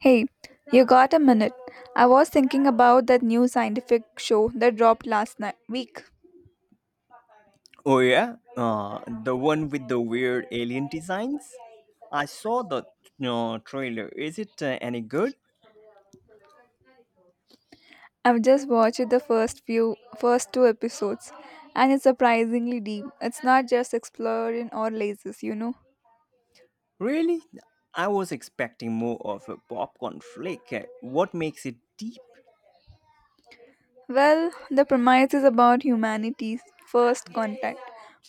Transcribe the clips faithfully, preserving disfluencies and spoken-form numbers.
Hey, you got a minute? I was thinking about that new scientific show that dropped last night week. Oh yeah, uh, the one with the weird alien designs. I saw the uh, trailer. Is it uh, any good? I've just watched the first few first two episodes and it's surprisingly deep. It's not just exploring or lasers, you know. Really? I was expecting more of a popcorn flick. Uh, What makes it deep? Well, the premise is about humanity's first contact,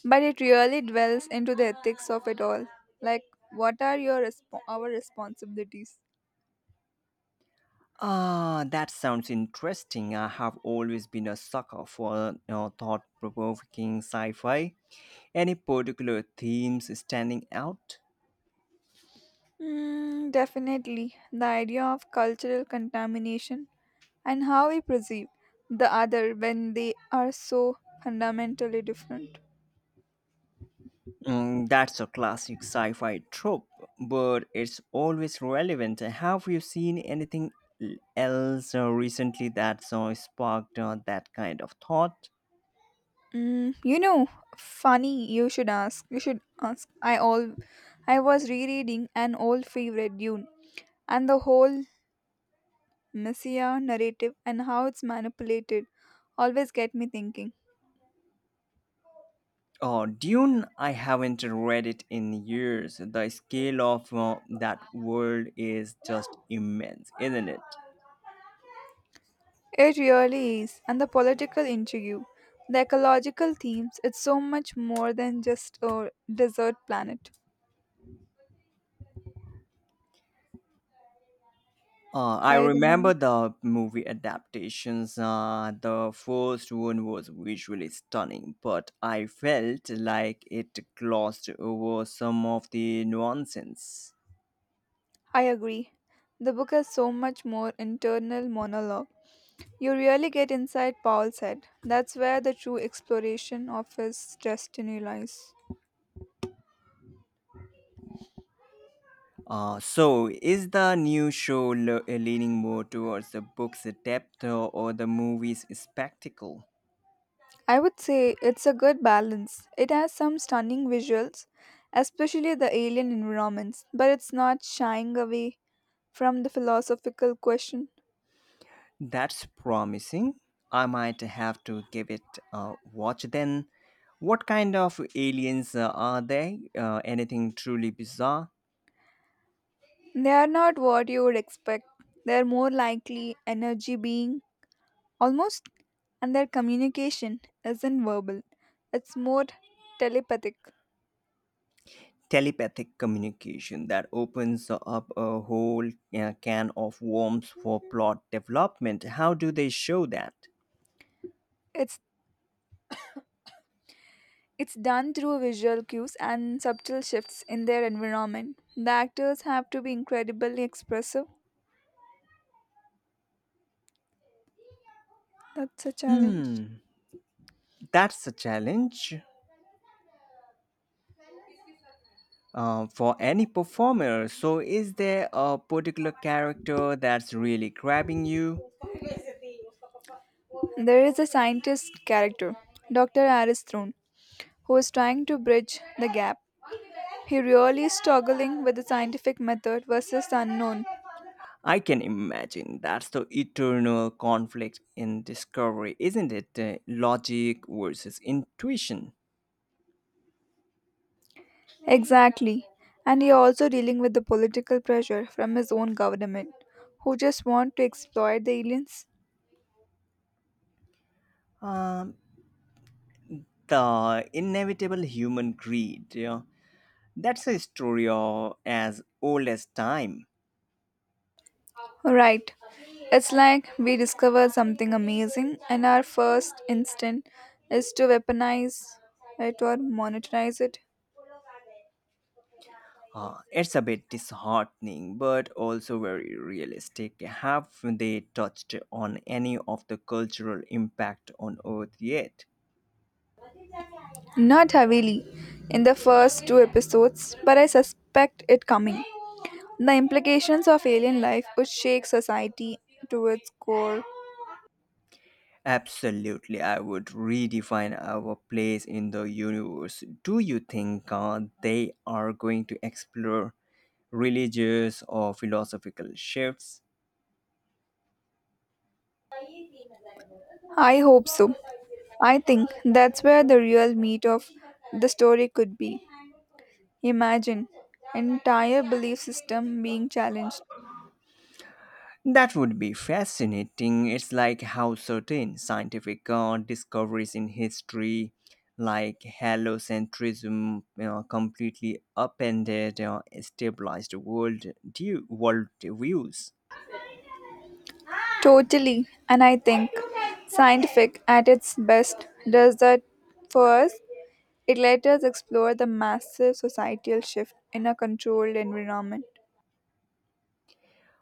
but it really dwells into the ethics of it all. Like what are your resp- our responsibilities? Ah, that sounds interesting. I have always been a sucker for uh, thought-provoking sci-fi. Any particular themes standing out? Mm, definitely, the idea of cultural contamination and how we perceive the other when they are so fundamentally different. Mm, that's a classic sci fi trope, but it's always relevant. Have you seen anything l- else uh, recently that's uh, sparked uh, that kind of thought? Mm, you know, Funny you should ask. You should ask. I all I was rereading an old favorite, Dune, and the whole messiah narrative and how it's manipulated always get me thinking. Oh, Dune, I haven't read it in years. The scale of uh, that world is just immense, isn't it? It really is, and the political intrigue, the ecological themes, it's so much more than just a desert planet. Uh, I I remember remember. the movie adaptations. Uh, the first one was visually stunning, but I felt like it glossed over some of the nuances. I agree. The book has so much more internal monologue. You really get inside Paul's head. That's where the true exploration of his destiny lies. Uh, so, is the new show le- uh, leaning more towards the book's depth or, or the movie's spectacle? I would say it's a good balance. It has some stunning visuals, especially the alien environments, but it's not shying away from the philosophical question. That's promising. I might have to give it a watch then. What kind of aliens uh, are they? Uh, anything truly bizarre? They are not what you would expect. They are more likely energy being almost, and their communication isn't verbal. It's more telepathic. Telepathic communication that opens up a whole uh, can of worms for plot development. How do they show that? It's it's done through visual cues and subtle shifts in their environment. The actors have to be incredibly expressive. That's a challenge. Hmm, that's a challenge uh, for any performer. So, is there a particular character that's really grabbing you? There is a scientist character, doctor Aristhrun, who is trying to bridge the gap. He really is struggling with the scientific method versus the unknown. I can imagine that's the eternal conflict in discovery, isn't it? Uh, logic versus intuition. Exactly. And you also dealing with the political pressure from his own government, who just want to exploit the aliens. Um, the inevitable human greed. Yeah, that's a story uh, as old as time. Right. It's like we discover something amazing, and our first instinct is to weaponize it or monetize it. Uh, it's a bit disheartening, but also very realistic. Have they touched on any of the cultural impact on Earth yet? Not heavily in the first two episodes, but I suspect it coming. The implications of alien life would shake society to its core. Absolutely, I would redefine our place in the universe. Do you think uh, they are going to explore religious or philosophical shifts? I hope so. I think that's where the real meat of the story could be. Imagine entire belief system being challenged. That would be fascinating. It's like how certain scientific uh, discoveries in history, like heliocentrism, you know, completely upended uh, stabilized world view, world views. Totally, and I think scientific at its best does that for us. It let us explore the massive societal shift in a controlled environment.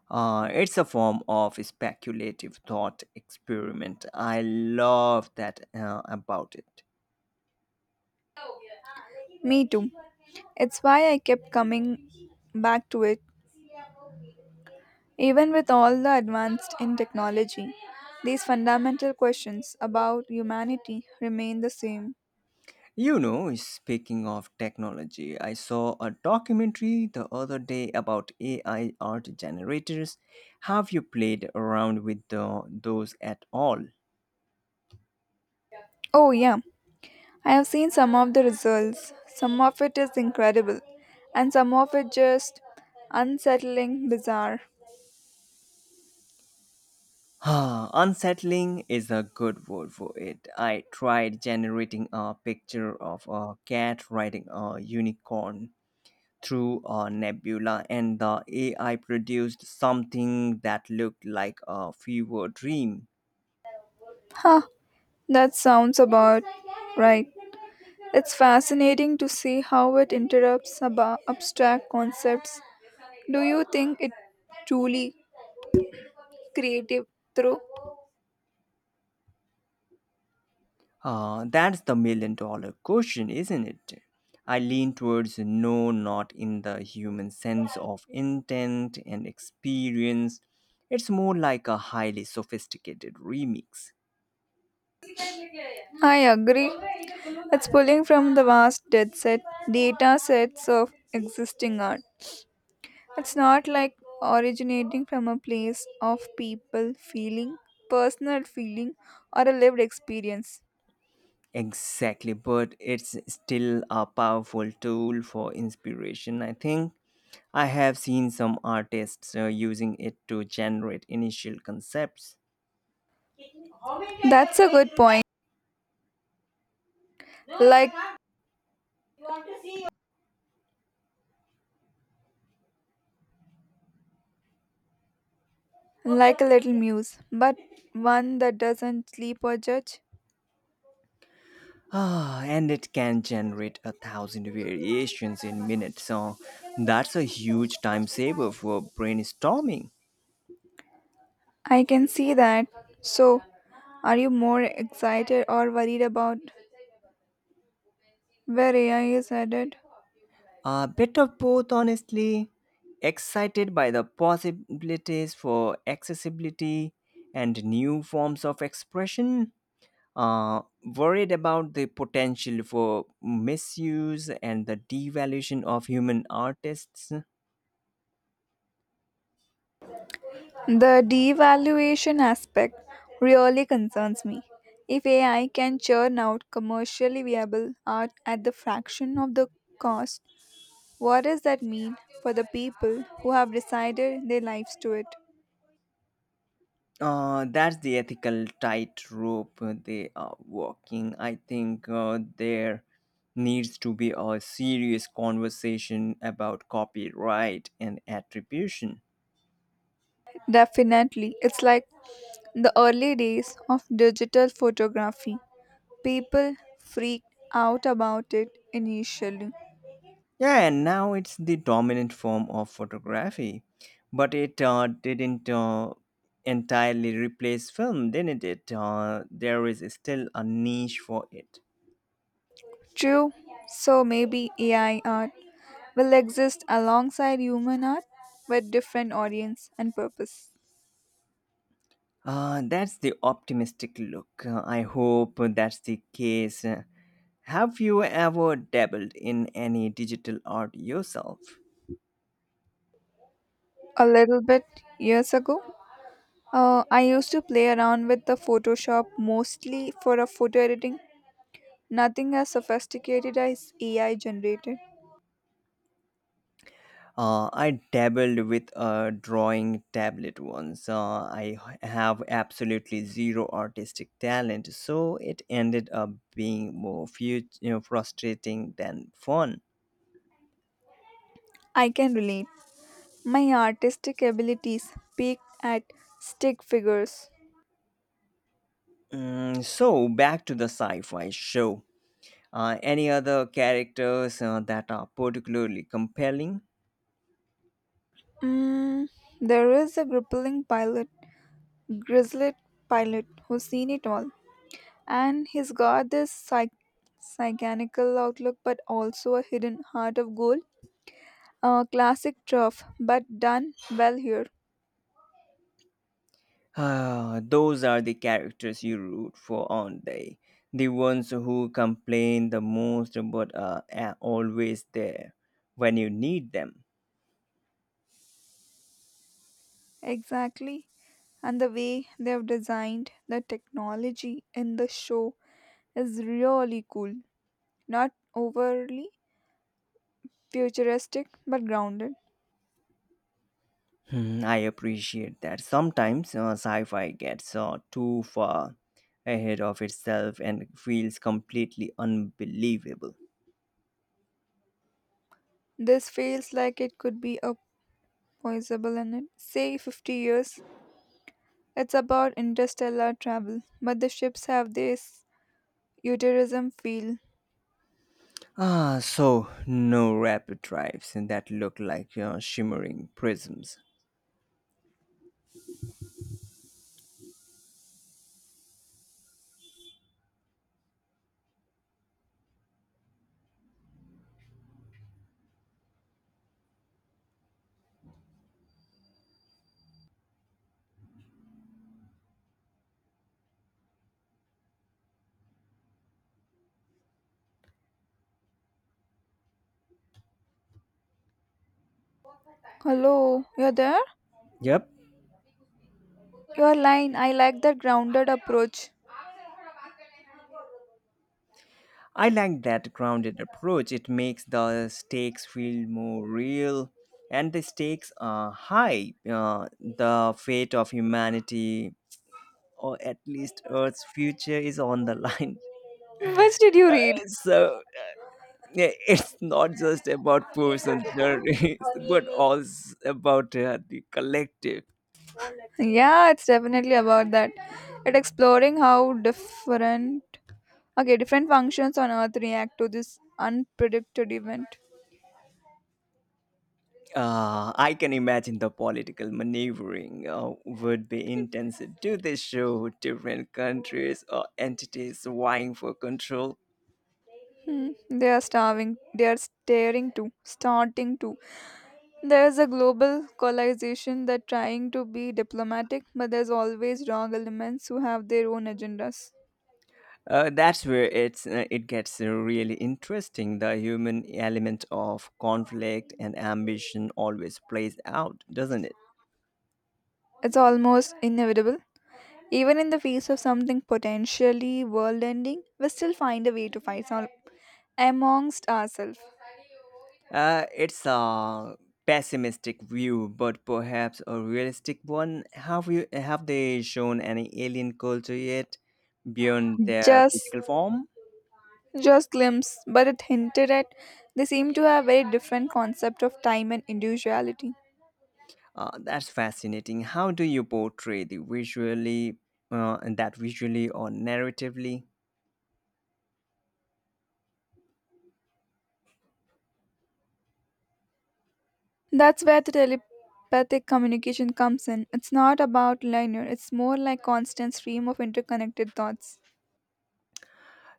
Uh, it's a form of speculative thought experiment. I love that uh, about it. Me too. It's why I kept coming back to it. Even with all the advanced in technology, these fundamental questions about humanity remain the same. You know, speaking of technology, I saw a documentary the other day about A I art generators. Have you played around with the, those at all? Oh, yeah, I have seen some of the results. Some of it is incredible, and some of it just unsettling, bizarre. Ah, unsettling is a good word for it. I tried generating a picture of a cat riding a unicorn through a nebula, and the A I produced something that looked like a fever dream. Huh, that sounds about right. It's fascinating to see how it interrupts about abstract concepts. Do you think it truly creative through? Uh, that's the million dollar question, isn't it? I lean towards no, not in the human sense of intent and experience. It's more like a highly sophisticated remix. I agree. It's pulling from the vast dead set data sets of existing art. It's not like originating from a place of people feeling, personal feeling, or a lived experience. Exactly, but it's still a powerful tool for inspiration, I think. I have seen some artists uh, using it to generate initial concepts. That's a good point. Like like a little muse, but one that doesn't sleep or judge. Ah, and it can generate a thousand variations in minutes. So that's a huge time saver for brainstorming. I can see that. So, are you more excited or worried about where A I is headed? A bit of both, honestly. Excited by the possibilities for accessibility and new forms of expression. Uh, worried about the potential for misuse and the devaluation of human artists. The devaluation aspect really concerns me. If A I can churn out commercially viable art at the fraction of the cost, what does that mean for the people who have decided their lives to it? Uh, that's the ethical tightrope they are walking. I think uh, there needs to be a serious conversation about copyright and attribution. Definitely. It's like the early days of digital photography. People freaked out about it initially. Yeah, and now it's the dominant form of photography, but it uh, didn't uh, entirely replace film, didn't it? Uh, there is still a niche for it. True. So maybe A I art will exist alongside human art with different audience and purpose. Uh, that's the optimistic look. Uh, I hope that's the case. Uh, Have you ever dabbled in any digital art yourself? A little bit years ago, uh, I used to play around with the Photoshop mostly for a photo editing. Nothing as sophisticated as A I generated. Uh, I dabbled with a drawing tablet once. Uh, I h- have absolutely zero artistic talent, so it ended up being more fu- you know, frustrating than fun. I can relate. My artistic abilities peaked at stick figures. Mm, so, back to the sci fi show. Uh, any other characters uh, that are particularly compelling? Mm, there is a gripping pilot, grizzled pilot, who's seen it all and he's got this psych- psychanical outlook but also a hidden heart of gold, a classic trough but done well here. Ah, those are the characters you root for, aren't they? The ones who complain the most but are a- always there when you need them. Exactly, and the way they've designed the technology in the show is really cool, not overly futuristic but grounded. Hmm, I appreciate that. Sometimes uh, sci fi gets uh, too far ahead of itself and feels completely unbelievable. This feels like it could be a possible in it, say fifty years. It's about interstellar travel but the ships have this futurism feel. Ah, so no rapid drives that look like uh, shimmering prisms. Hello, you're there? Yep, Your line, I like that grounded approach. I like that grounded approach. It makes the stakes feel more real, and the stakes are high. Uh, the fate of humanity, or at least Earth's future, is on the line. Which did you read? So yeah, it's not just about personal journeys, but also about uh, the collective. Yeah, it's definitely about that. It exploring how different okay different functions on earth react to this unpredicted event. Uh, I can imagine the political maneuvering uh, would be intense. Do they show different countries or entities vying for control? Hmm, they are starving they are staring to starting to, there's a global coalization that trying to be diplomatic, but there's always wrong elements who have their own agendas. Uh, that's where it's uh, it gets uh, really interesting. The human element of conflict and ambition always plays out, doesn't it? It's almost inevitable. Even in the face of something potentially world ending, we still find a way to fight some- amongst ourselves. Uh, it's a pessimistic view, but perhaps a realistic one. Have you have they shown any alien culture yet beyond their Just physical form? just glimpse, but it hinted at they seem to have very different concept of time and individuality. Uh, that's fascinating. How do you portray the visually uh, and that visually or narratively? That's where the telepathic communication comes in. It's not about linear, it's more like constant stream of interconnected thoughts.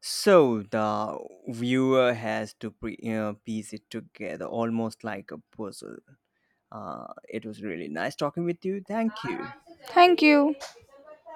So the viewer has to pre- uh, piece it together almost like a puzzle. Uh, it was really nice talking with you. Thank you. Thank you.